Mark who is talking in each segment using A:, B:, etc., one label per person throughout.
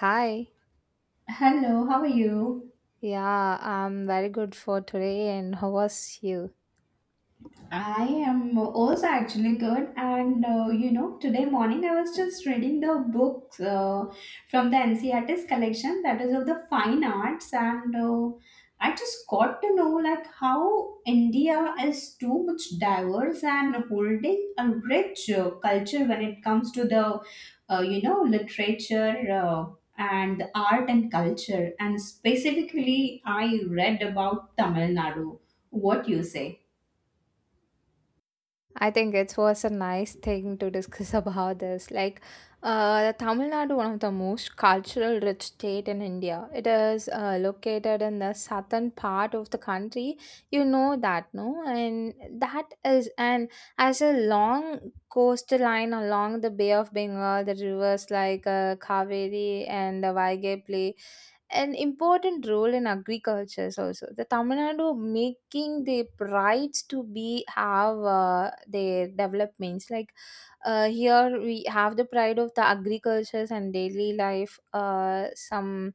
A: Hi.
B: Hello, how are you?
A: Yeah, I'm very good for today. And how was you?
B: I am also actually good, and today morning I was just reading the books from the NCRT's collection that is of the fine arts, and I just got to know like how India is too much diverse and holding a rich culture when it comes to the literature. And the art and culture, and specifically I read about Tamil Nadu, what you say.
A: I think it was a nice thing to discuss about this. Like, Tamil Nadu, one of the most cultural rich state in India. It is located in the southern part of the country. You know that, no? And that is, and as a long coastline along the Bay of Bengal, the rivers like Kaveri and the Vaigai play. An important role in agriculture is also the Tamil Nadu making the rights to be have their developments like here we have the pride of the agricultures and daily life, some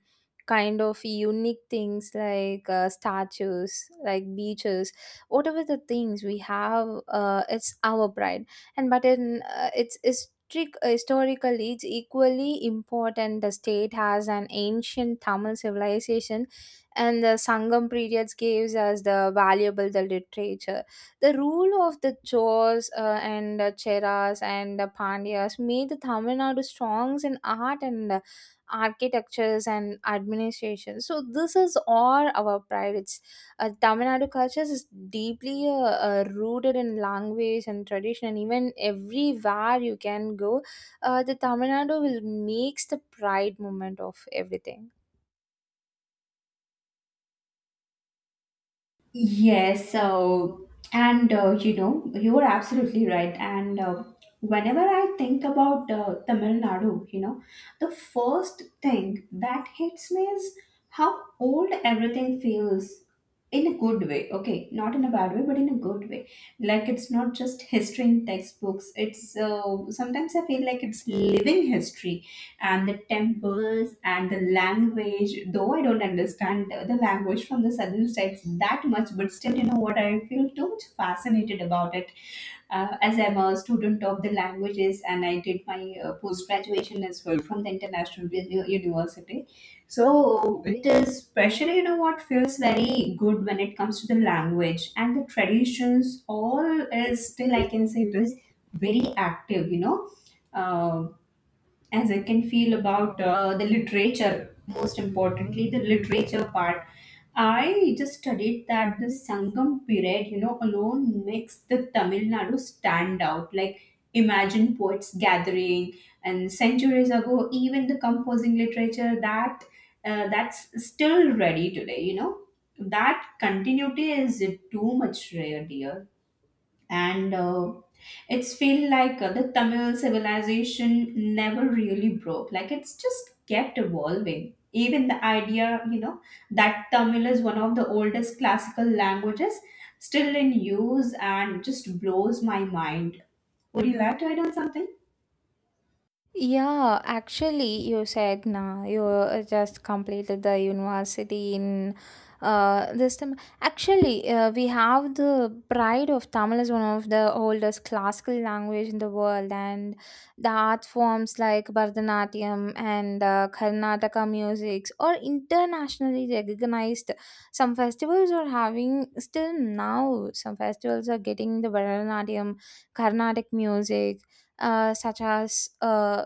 A: kind of unique things like statues, like beaches, whatever the things we have, it's our pride. And but in it's historic, historically, it's equally important. The state has an ancient Tamil civilization, and the Sangam periods gives us the valuable the literature the rule of the Chors and Cheras and Pandyas made the Tamil Nadu strong in art and architectures and administration. So this is all our pride. It's Tamil Nadu culture is deeply rooted in language and tradition, and even everywhere you can go, the Tamil Nadu will makes the pride moment of everything.
B: Yes, so and you are absolutely right. And whenever I think about Tamil Nadu, you know, the first thing that hits me is how old everything feels in a good way. Okay, not in a bad way, but in a good way. Like, it's not just history in textbooks. It's, sometimes I feel like it's living history and the temples and the language, though I don't understand the language from the southern states that much, but still, you know what, I feel too much fascinated about it. As I'm a student of the languages, and I did my post graduation as well from the international university, so it is especially, you know what, feels very good when it comes to the language, and the traditions all is still I can say it is very active, you know. Um as I can feel about the literature, most importantly, the literature part. I just studied that the Sangam period, you know, alone makes the Tamil Nadu stand out. Like, imagine poets gathering, and centuries ago, even the composing literature that that's still ready today. You know, that continuity is too much rare, dear. And it's feel like the Tamil civilization never really broke. Like, it's just kept evolving. Even the idea, you know, that Tamil is one of the oldest classical languages still in use, and just blows my mind. Would you like to add on something?
A: Yeah, actually, you said nah, you just completed the university in this time. Actually, we have the pride of Tamil is one of the oldest classical language in the world, and the art forms like Bharatanatyam and Karnataka musics are internationally recognized. Some festivals are having still now. Some festivals are getting the Bharatanatyam, Carnatic music such as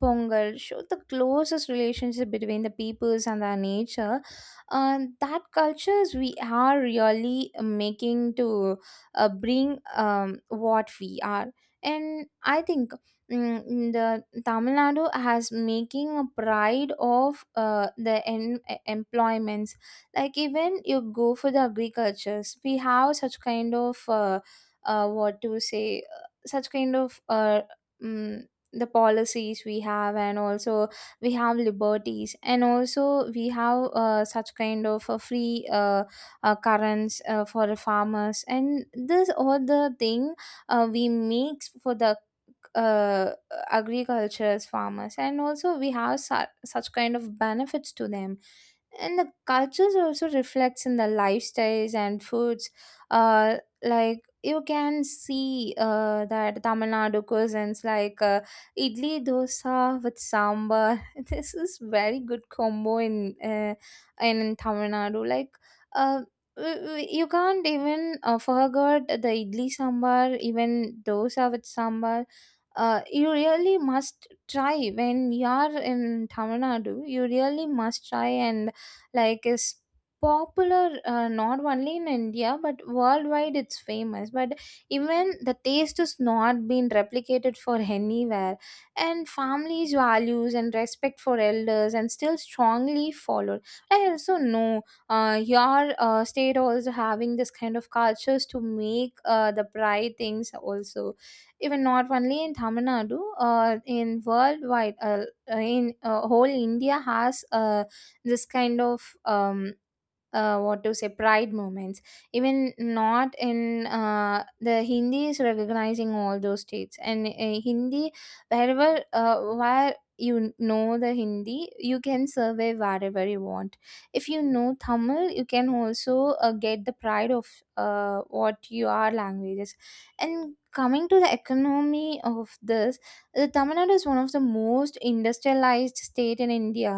A: Pongal show the closest relationship between the peoples and their nature. That cultures we are really making to bring what we are. And I think the Tamil Nadu has making a pride of the employments. Like even you go for the agricultures, we have such kind of what to say, such kind of mm, the policies we have and also we have liberties and also we have such kind of a free currents for the farmers and this all the thing we make for the uh, agriculture's farmers and also we have such kind of benefits to them and the cultures also reflects in the lifestyles and foods uh like you can see that Tamil Nadu cuisines like idli dosa with sambar. This is very good combo uh, in Tamil Nadu. Like uh, you can't even forget the idli sambar, even dosa with sambar. You really must try when you are in Tamil Nadu. You really must try, and like is popular not only in India but worldwide it's famous, but even the taste is not been replicated for anywhere. And families values and respect for elders and still strongly followed. I also know your state also having this kind of cultures to make the pride things also, even not only in Tamil Nadu, uh, in worldwide, in whole India has this kind of what to say pride moments, even not in the Hindi is recognizing all those states, and Hindi wherever where you know the Hindi you can survey wherever you want. If you know Tamil you can also get the pride of what your languages. And coming to the economy of this, the Tamil Nadu is one of the most industrialized state in India.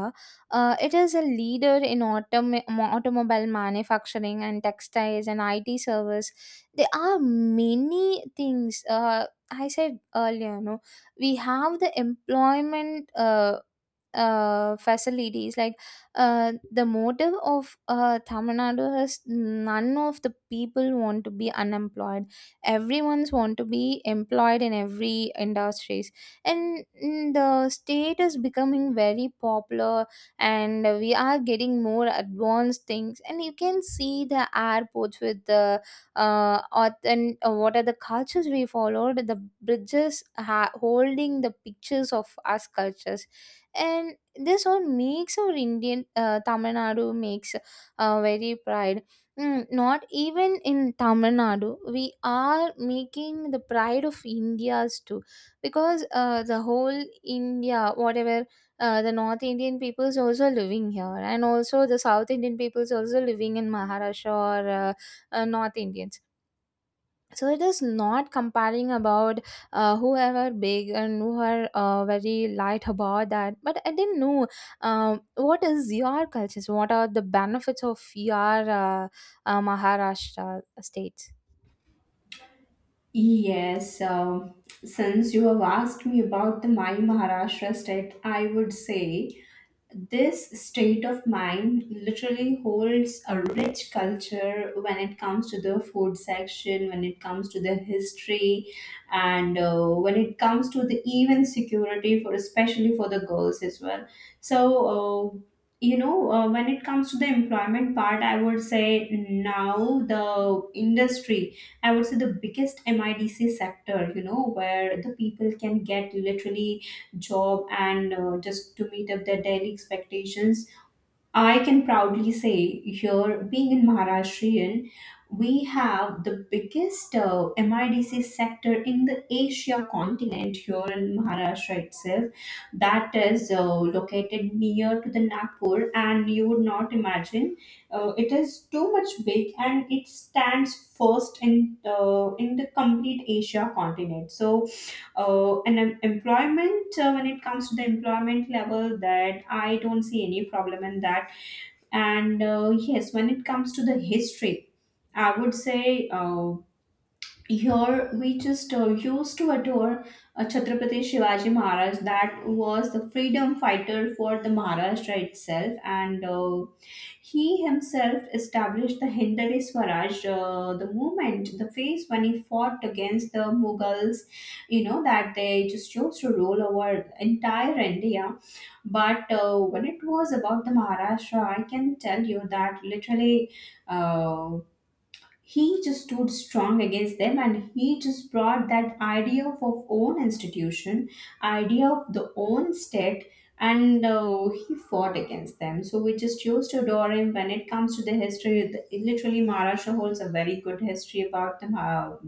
A: It is a leader in automobile manufacturing and textiles and IT service. There are many things. I said earlier, no, we have the employment facilities. Like the motive of Tamil Nadu is none of the people want to be unemployed. Everyone's want to be employed in every industries, and the state is becoming very popular, and we are getting more advanced things and you can see the airports with the auth- and what are the cultures we followed, the bridges holding the pictures of us cultures. And this all makes our Indian Tamil Nadu makes very pride. Not even in Tamil Nadu, we are making the pride of India's too, because the whole India, whatever the North Indian peoples also living here, and also the South Indian peoples also living in Maharashtra or North Indians. So it is not comparing about whoever big and who are very light about that. But I didn't know what is your cultures. What are the benefits of your uh, Maharashtra state?
B: Yes, since you have asked me about the My Maharashtra state, I would say this state of mind literally holds a rich culture when it comes to the food section, when it comes to the history, and when it comes to the even security, for especially for the girls as well. So. Uh, when it comes to the employment part, I would say now the industry, I would say the biggest MIDC sector, you know, where the people can get literally job, and just to meet up their daily expectations. I can proudly say here, being in Maharashtrian, we have the biggest MIDC sector in the Asia continent here in Maharashtra itself. That is located near to the Nagpur, and you would not imagine it is too much big, and it stands first in the complete Asia continent. So and em- employment when it comes to the employment level, that I don't see any problem in that. And yes, when it comes to the history, I would say, here we just used to adore Chhatrapati Shivaji Maharaj, that was the freedom fighter for the Maharashtra itself, and he himself established the Hindari Swaraj, the movement, the phase when he fought against the Mughals, you know, that they just chose to rule over entire India. But when it was about the Maharashtra, I can tell you that literally uh, he just stood strong against them, and he just brought that idea of own institution, idea of the own state. And he fought against them, so we just used to adore him. When it comes to the history, the, literally Maharashtra holds a very good history about them, how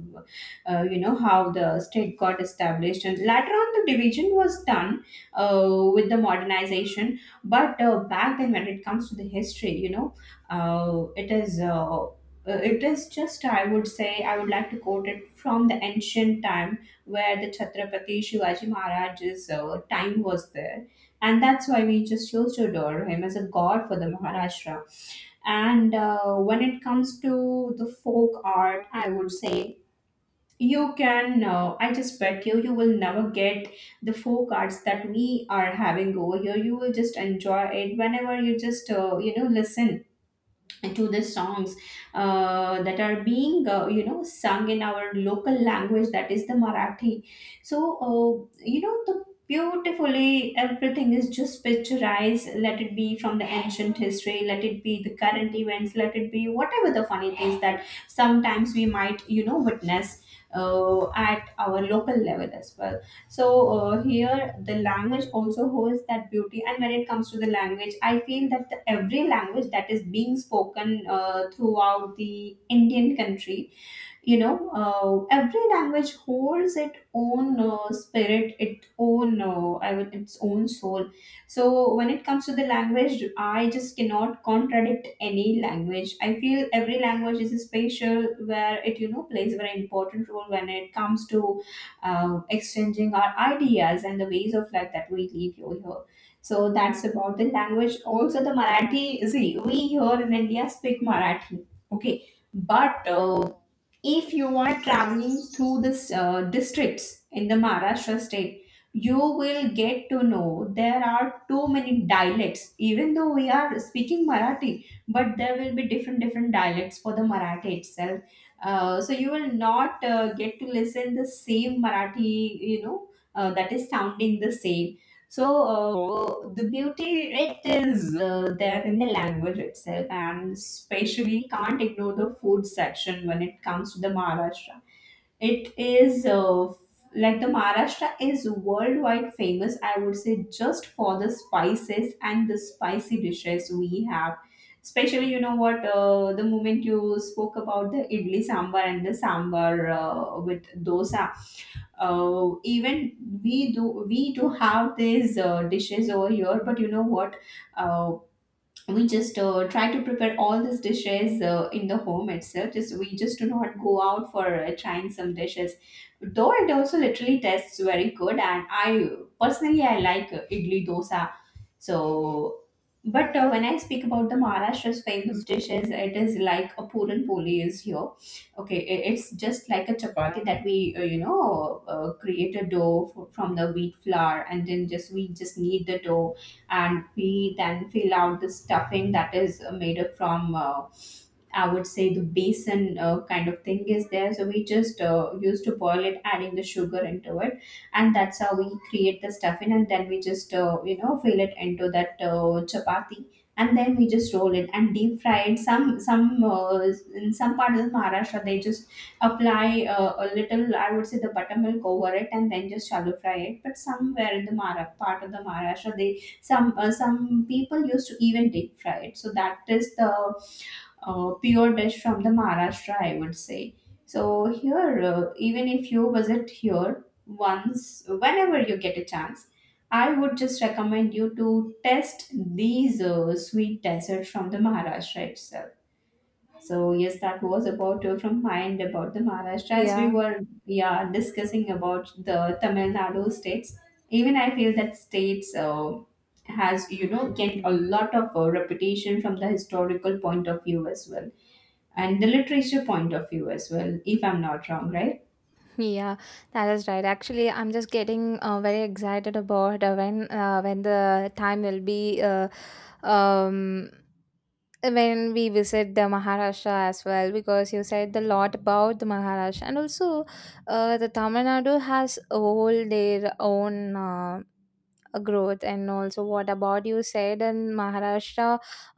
B: how the state got established and later on the division was done with the modernization. But back then, when it comes to the history, you know, uh, it is uh, it is just, I would say, I would like to quote it from the ancient time where the Chhatrapati Shivaji Maharaj's time was there. And that's why we just used to adore him as a god for the Maharashtra. And when it comes to the folk art, I would say, you can, I just bet you, you will never get the folk arts that we are having over here. You will just enjoy it whenever you just, listen to the songs that are being, sung in our local language, that is the Marathi. So the beautifully everything is just picturized, let it be from the ancient history, let it be the current events, let it be whatever the funny things that sometimes we might, you know, witness at our local level as well. So here, the language also holds that beauty. And when it comes to the language, I feel that the, every language that is being spoken throughout the Indian country, you know, every language holds its own spirit, its own, I would, its own soul. So when it comes to the language, I just cannot contradict any language. I feel every language is special, where it, you know, plays a very important role when it comes to exchanging our ideas and the ways of life that we live over here. So that's about the language also, the Marathi. See, we here in India speak Marathi, okay. But if you are traveling through the districts in the Maharashtra state, you will get to know there are too many dialects. Even though we are speaking Marathi, but there will be different different dialects for the Marathi itself. So you will not get to listen the same Marathi, you know, that is sounding the same. So the beauty it is there in the language itself, and especially can't ignore the food section when it comes to the Maharashtra. It is uh, f- like, the Maharashtra is worldwide famous, I would say, just for the spices and the spicy dishes we have. Especially, you know what, the moment you spoke about the idli sambar and the sambar with dosa, even we do have these dishes over here. But you know what, uh, we just try to prepare all these dishes in the home itself, just we just do not go out for trying some dishes, though it also literally tastes very good, and I personally I like idli dosa. So, but when I speak about the Maharashtra's famous dishes, it is like a puran poli is here. Okay, it's just like a chapati, that we create a from the wheat flour, and then just we just knead the dough, and we then fill out the stuffing that is made up from. I would say the basin kind of thing is there. So we just used to boil it, adding the sugar into it, and that's how we create the stuffing. And then we just fill it into that chapati, and then we just roll it and deep fry it. Some In some part of Maharashtra, they just apply a little, I would say, the buttermilk over it, and then just shallow fry it. But somewhere in the Mara part of the Maharashtra, they some people used to even deep fry it. So that is the pure dish from the Maharashtra, I would say. So here, even if you visit here once, whenever you get a chance, I would just recommend you to test these sweet desserts from the Maharashtra itself. So yes, that was about from my end about the Maharashtra, as we
A: Yeah.
B: were, yeah, discussing about the Tamil Nadu states. Even I feel that states has, you know, get a lot of reputation from the historical point of view as well, and the literature point of view as well. If I'm not wrong, right?
A: Yeah, that is right. Actually, I'm just getting very excited about when the time will be um, when we visit the Maharashtra as well, because you said a lot about the Maharashtra, and also the Tamil Nadu has all their own growth. And also what about you said in Maharashtra,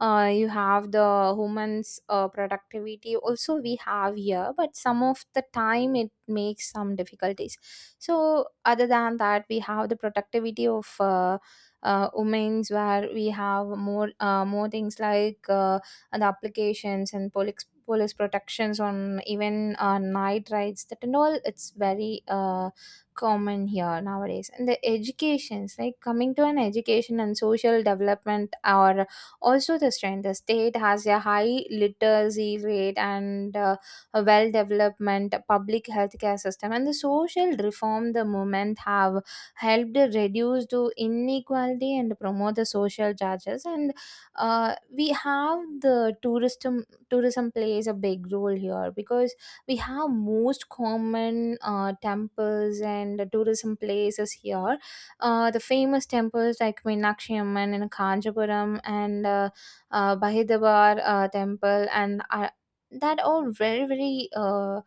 A: you have the women's productivity also we have here, but some of the time it makes some difficulties. So other than that we have the productivity of women's where we have more things like the applications and police protections on even night rides, that and all it's very common here nowadays. And the educations, like coming to an education and social development are also the strength. The state has a high literacy rate, and a well development public healthcare system, and the social reform, the movement have helped reduce the inequality and promote the social justice. And we have the tourism plays a big role here, because we have most common temples and tourism places here. The famous temples like Meenakshi Amman and Kanjapuram and Bahidabar temple, and that all very very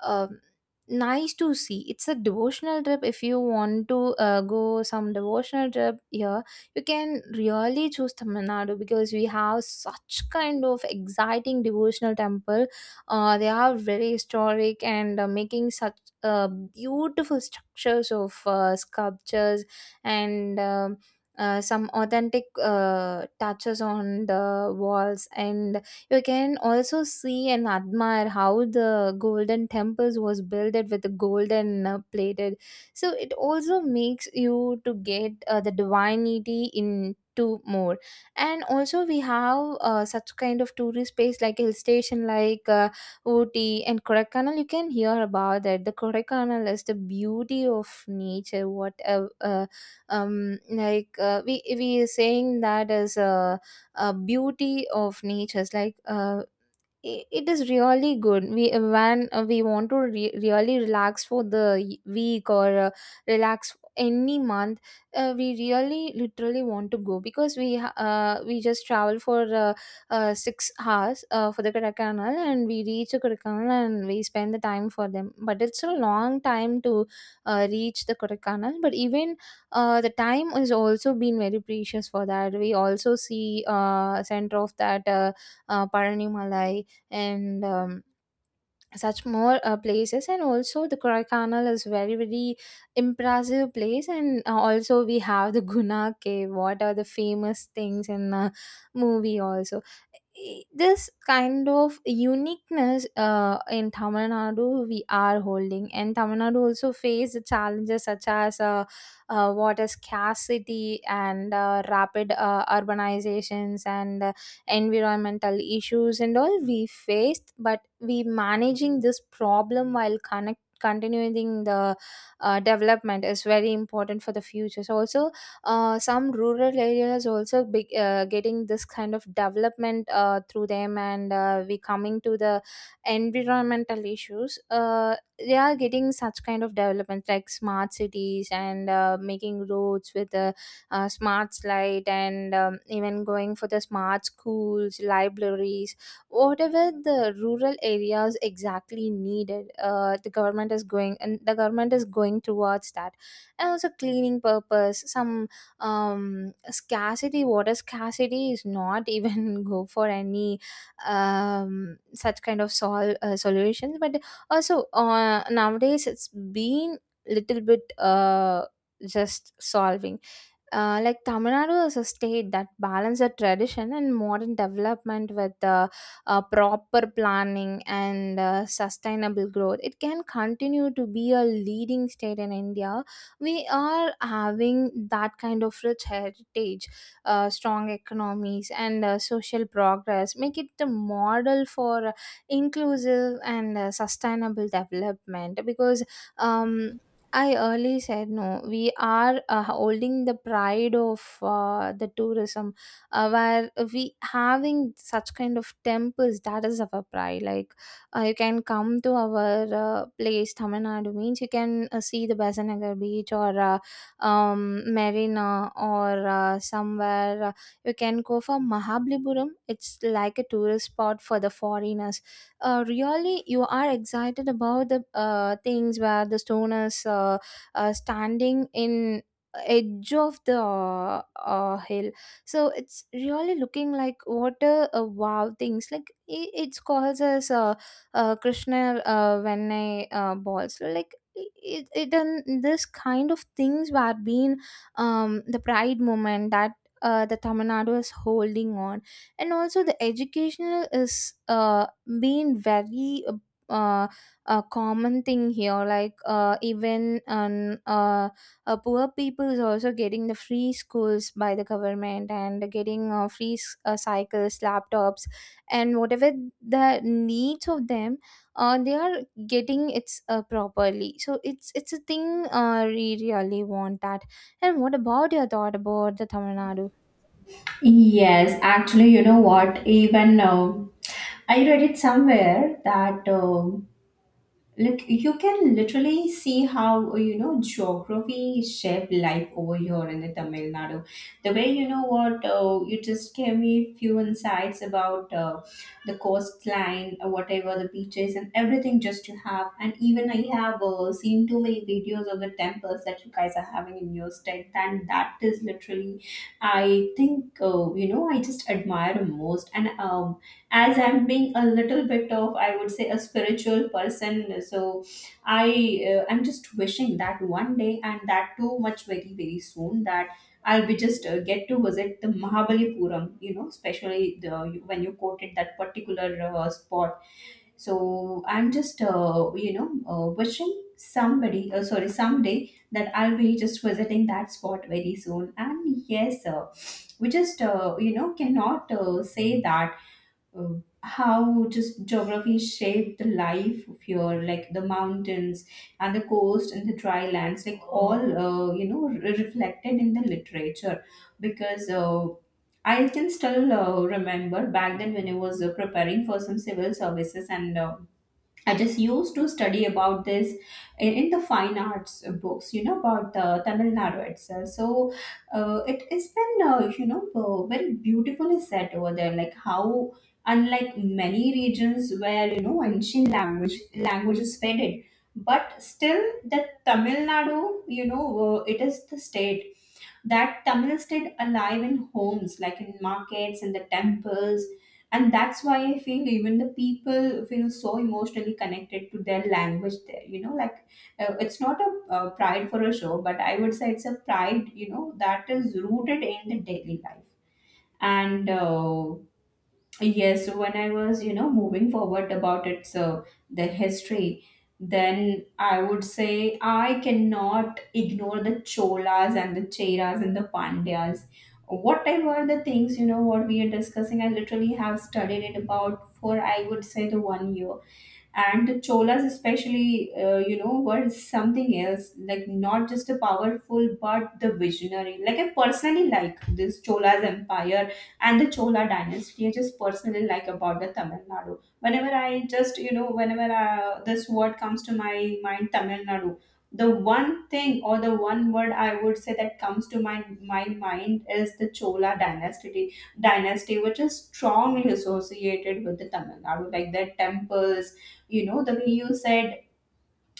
A: um nice to see. It's a devotional trip. If you want to go some devotional trip here, you can really choose Tamil Nadu, because we have such kind of exciting devotional temple. They are very historic and making such beautiful structures of sculptures, and some authentic touches on the walls. And you can also see and admire how the golden temples was built with the golden plated. So it also makes you to get the divinity into more. And also we have such kind of tourist space like hill station, like Ooty and Kodaikanal, you can hear about that. The Kodaikanal is the beauty of nature. What we are saying that as a beauty of nature. It's like it is really good we when we want to really relax for the week or relax any month. We really literally want to go, because we we just travel for 6 hours for the Kodaikanal, and we reach the Kodaikanal and we spend the time for them, but it's a long time to reach the Kodaikanal. But even the time has also been very precious for that. We also see center of that Paranimalai, and such more places. And also the Kodaikanal is very very impressive place. And also we have the Guna cave, what are the famous things in movie also. This kind of uniqueness in Tamil Nadu we are holding. And Tamil Nadu also faced challenges such as water scarcity and rapid urbanizations and environmental issues and all we faced, but we managing this problem, while connect continuing the development is very important for the future. So also some rural areas also big, getting this kind of development through them. And we coming to the environmental issues. They are getting such kind of development like smart cities, and making roads with a smart light, and even going for the smart schools, libraries, whatever the rural areas exactly needed. The government is going, and the government is going towards that, and also cleaning purpose some scarcity water scarcity is not even go for any such kind of solutions, but also nowadays it's been little bit just solving. Like Tamil Nadu is a state that balances tradition and modern development with proper planning and sustainable growth. It can continue to be a leading state in India. We are having that kind of rich heritage, strong economies, and social progress make it the model for inclusive and sustainable development because. Um, I early said no. We are holding the pride of the tourism, where we having such kind of temples that is our pride. Like you can come to our place, Tamil Nadu means you can see the Basanagar beach or Marina or somewhere. You can go for Mahabalipuram. It's like a tourist spot for the foreigners, really you are excited about the things where the stone is standing in edge of the hill, so it's really looking like what a wow things like it's calls as krishna when I balls. So, like it and this kind of things were being the pride moment that the tamil nadu is holding on, and also the educational is being very uh, a common thing here, like even poor people is also getting the free schools by the government and getting cycles, laptops and whatever the needs of them, they are getting it's properly. So it's a thing we really want that. And what about your thought about the tamil nadu?
B: Yes, actually, you know what? Even I read it somewhere that. Like you can literally see how geography shaped life over here in the tamil nadu, the way what you just gave me few insights about the coastline, whatever the beaches and everything just you have. And even I have seen too many videos of the temples that you guys are having in your state, and that is literally, I think, I just admire most. And as I'm being a little bit of, I would say, a spiritual person. So I, I'm just wishing that one day, and that too much very very soon, that I'll be just get to visit the Mahabalipuram, especially the, when you quoted that particular spot. So I'm just wishing somebody sorry, someday, that I'll be just visiting that spot very soon. And yes, we just cannot say that, uh, how just geography shaped the life of here, like the mountains and the coast and the dry lands, like all reflected in the literature. Because I can still remember back then when I was preparing for some civil services. And I just used to study about this in the fine arts books, about the Tamil Nadu itself. So it's been, very beautifully set over there, like how, unlike many regions where, ancient languages faded, but still the Tamil Nadu, it is the state that Tamil stayed alive in homes, like in markets and the temples. And that's why I feel even the people feel so emotionally connected to their language there. Like it's not a pride for a show, but I would say it's a pride, that is rooted in the daily life. And Yes, when I was, moving forward about its the history, then I would say I cannot ignore the Cholas and the Cheras and the Pandyas. Whatever the things, what we are discussing, I literally have studied it about for, I would say, the 1 year. And the cholas especially, were something else, like not just a powerful but the visionary. Like I personally like this cholas empire and the chola dynasty. I just personally like about the tamil nadu, whenever I just whenever this word comes to my mind, tamil nadu, the one thing or the one word, I would say that comes to my mind, is the chola dynasty. Dynasty which is strongly associated with the tamil nadu, like their temples. You know, the way you said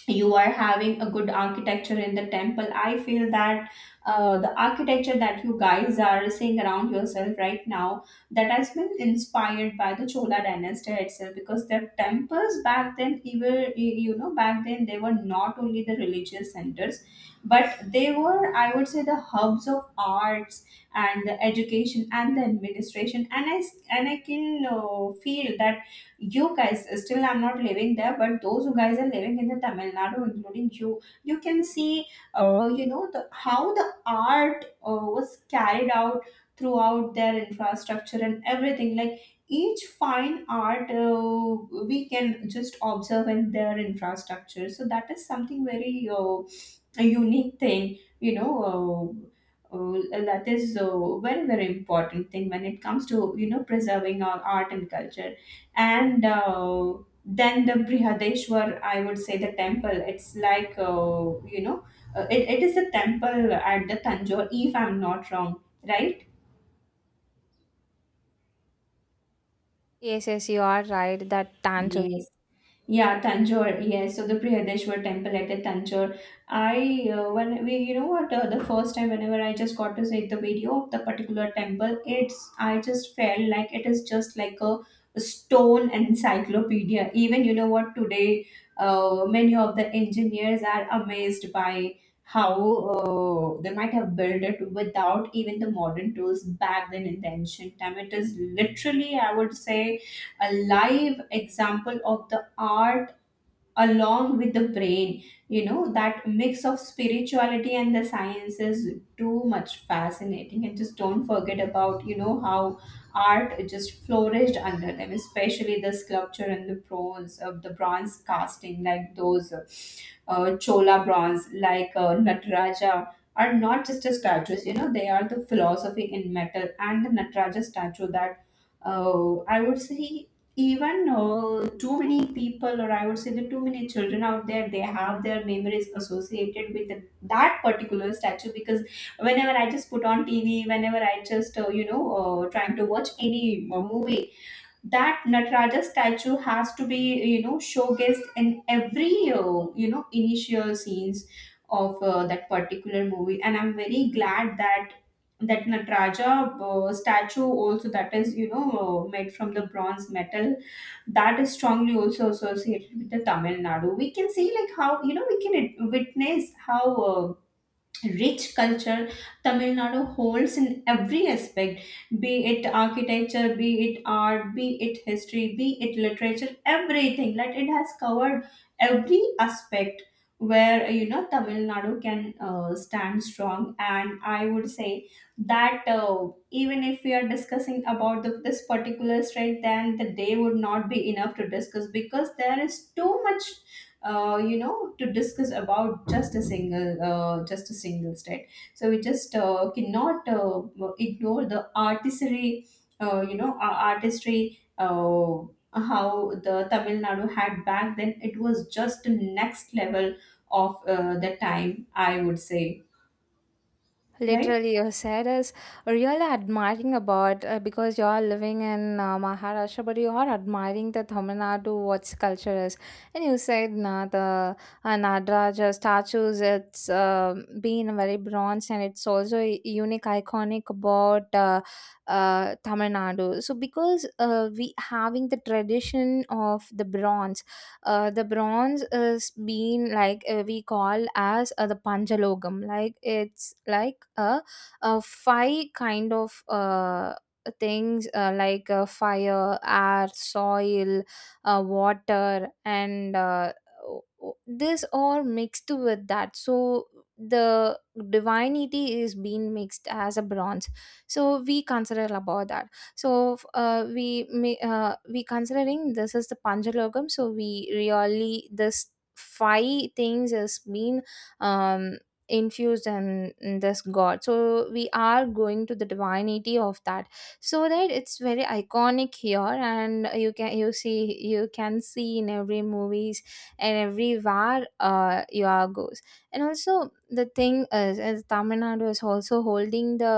B: you are having a good architecture in the temple, I feel that the architecture that you guys are seeing around yourself right now, that has been inspired by the chola dynasty itself. Because their temples back then, even, back then, they were not only the religious centers, but they were, I would say, the hubs of arts and the education and the administration. And I can feel that you guys still, I'm not living there, but those who guys are living in the tamil nadu, including you, you can see the how the art was carried out throughout their infrastructure and everything. Like each fine art, we can just observe in their infrastructure. So that is something very a unique thing, you know uh, that is a very very important thing when it comes to, preserving our art and culture. And Then the Brihadeshwar, I would say, the temple. It's like it is a temple at the Tanjore, if I'm not wrong, right?
A: Yes, yes, you are right, that dance.
B: Yes. Yeah, Tanjore. Yes, so the Prihadeshwar temple at Tanjore. I When we, what, the first time whenever I just got to see the video of the particular temple, it's, I just felt like it is just like a stone encyclopedia. Even what, today, many of the engineers are amazed by how they might have built it without even the modern tools back then in the ancient time. It is literally, I would say, a live example of the art along with the brain. You know, that mix of spirituality and the science is too much fascinating. And just don't forget about, how art just flourished under them, especially the sculpture and the bronze, of the bronze casting, like those Chola bronze, like Nataraja, are not just a statues. They are the philosophy in metal. And the Nataraja statue, that I would say even too many people, or I would say the too many children out there, they have their memories associated with that particular statue. Because whenever I just put on TV, whenever I just trying to watch any movie, that Nataraja statue has to be, showcased in every initial scenes of that particular movie. And I'm very glad that that Nataraja statue also, that is, made from the bronze metal, that is strongly also associated with the Tamil Nadu. We can see, like, how we can witness how rich culture Tamil Nadu holds in every aspect, be it architecture, be it art, be it history, be it literature, everything. Like it has covered every aspect where Tamil Nadu can stand strong. And I would say that even if we are discussing about this particular strength, then the day would not be enough to discuss, because there is too much to discuss about just a single state. So we just cannot ignore the artistry. uh, you know uh, artistry uh, how the tamil nadu had back then, it was just the next level of the time, I would say. Right.
A: Literally, you said is really admiring about, because you are living in Maharashtra, but you are admiring the Tamil Nadu what's culture is, and you said na the Nadraja statues. It's been very bronze, and it's also a unique, iconic about Tamil Nadu. So because we having the tradition of the bronze is being like we call as the Panchalogam, like it's like a five kind of things, like fire, air, soil, water and this all mixed with that. So the divinity is being mixed as a bronze, so we consider about that. So we may we considering this is the panjalogam, so we really this five things has been um infused in this god, so we are going to the divinity of that. So that it's very iconic here, and you can you see, you can see in every movies and everywhere you are goes. And also the thing is tamil nadu is also holding the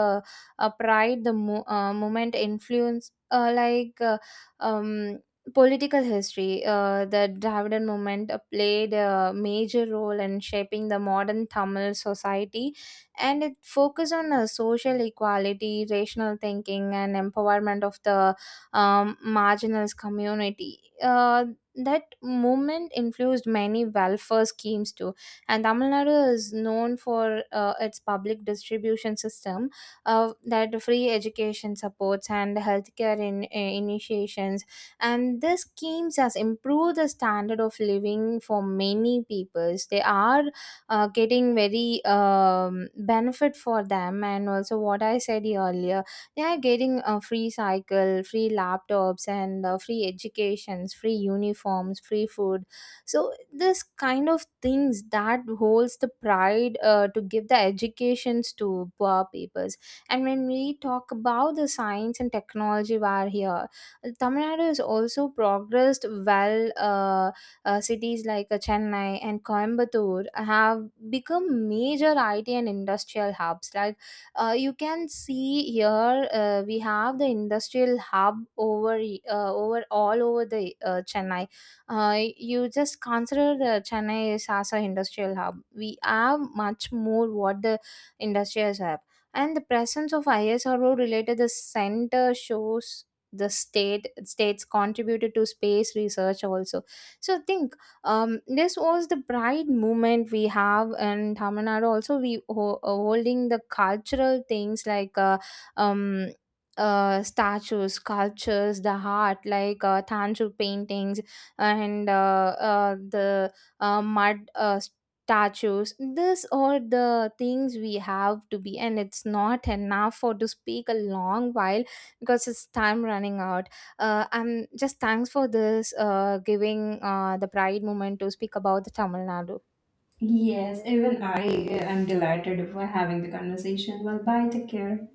A: pride, the moment influence, like um political history. The Dravidian movement played a major role in shaping the modern Tamil society, and it focused on social equality, rational thinking, and empowerment of the marginalized community. That movement influenced many welfare schemes too, and Tamil Nadu is known for its public distribution system, that free education supports and healthcare in, initiations, and this schemes has improved the standard of living for many peoples. They are getting very benefit for them. And also what I said earlier, they are getting a free cycle, free laptops and free educations, free uniforms, free food. So this kind of things that holds the pride to give the educations to poor peoples. And when we talk about the science and technology war here, Tamil Nadu has also progressed well. Cities like Chennai and Coimbatore have become major IT and industrial hubs. Like you can see here, we have the industrial hub over over all over the Chennai. You just consider the Chennai is as a industrial hub. We have much more what the industrials have, and the presence of ISRO related the center shows the state states contributed to space research also. So think, this was the pride movement we have in tamil nadu. Also we holding the cultural things, like um, statues, sculptures, the art, like tangible paintings, and the mud statues. This all the things we have to be, and it's not enough for to speak a long while, because it's time running out. I'm just thanks for this giving the pride moment to speak about the Tamil Nadu.
B: Yes, even I am delighted for having the conversation. Well, bye, take care.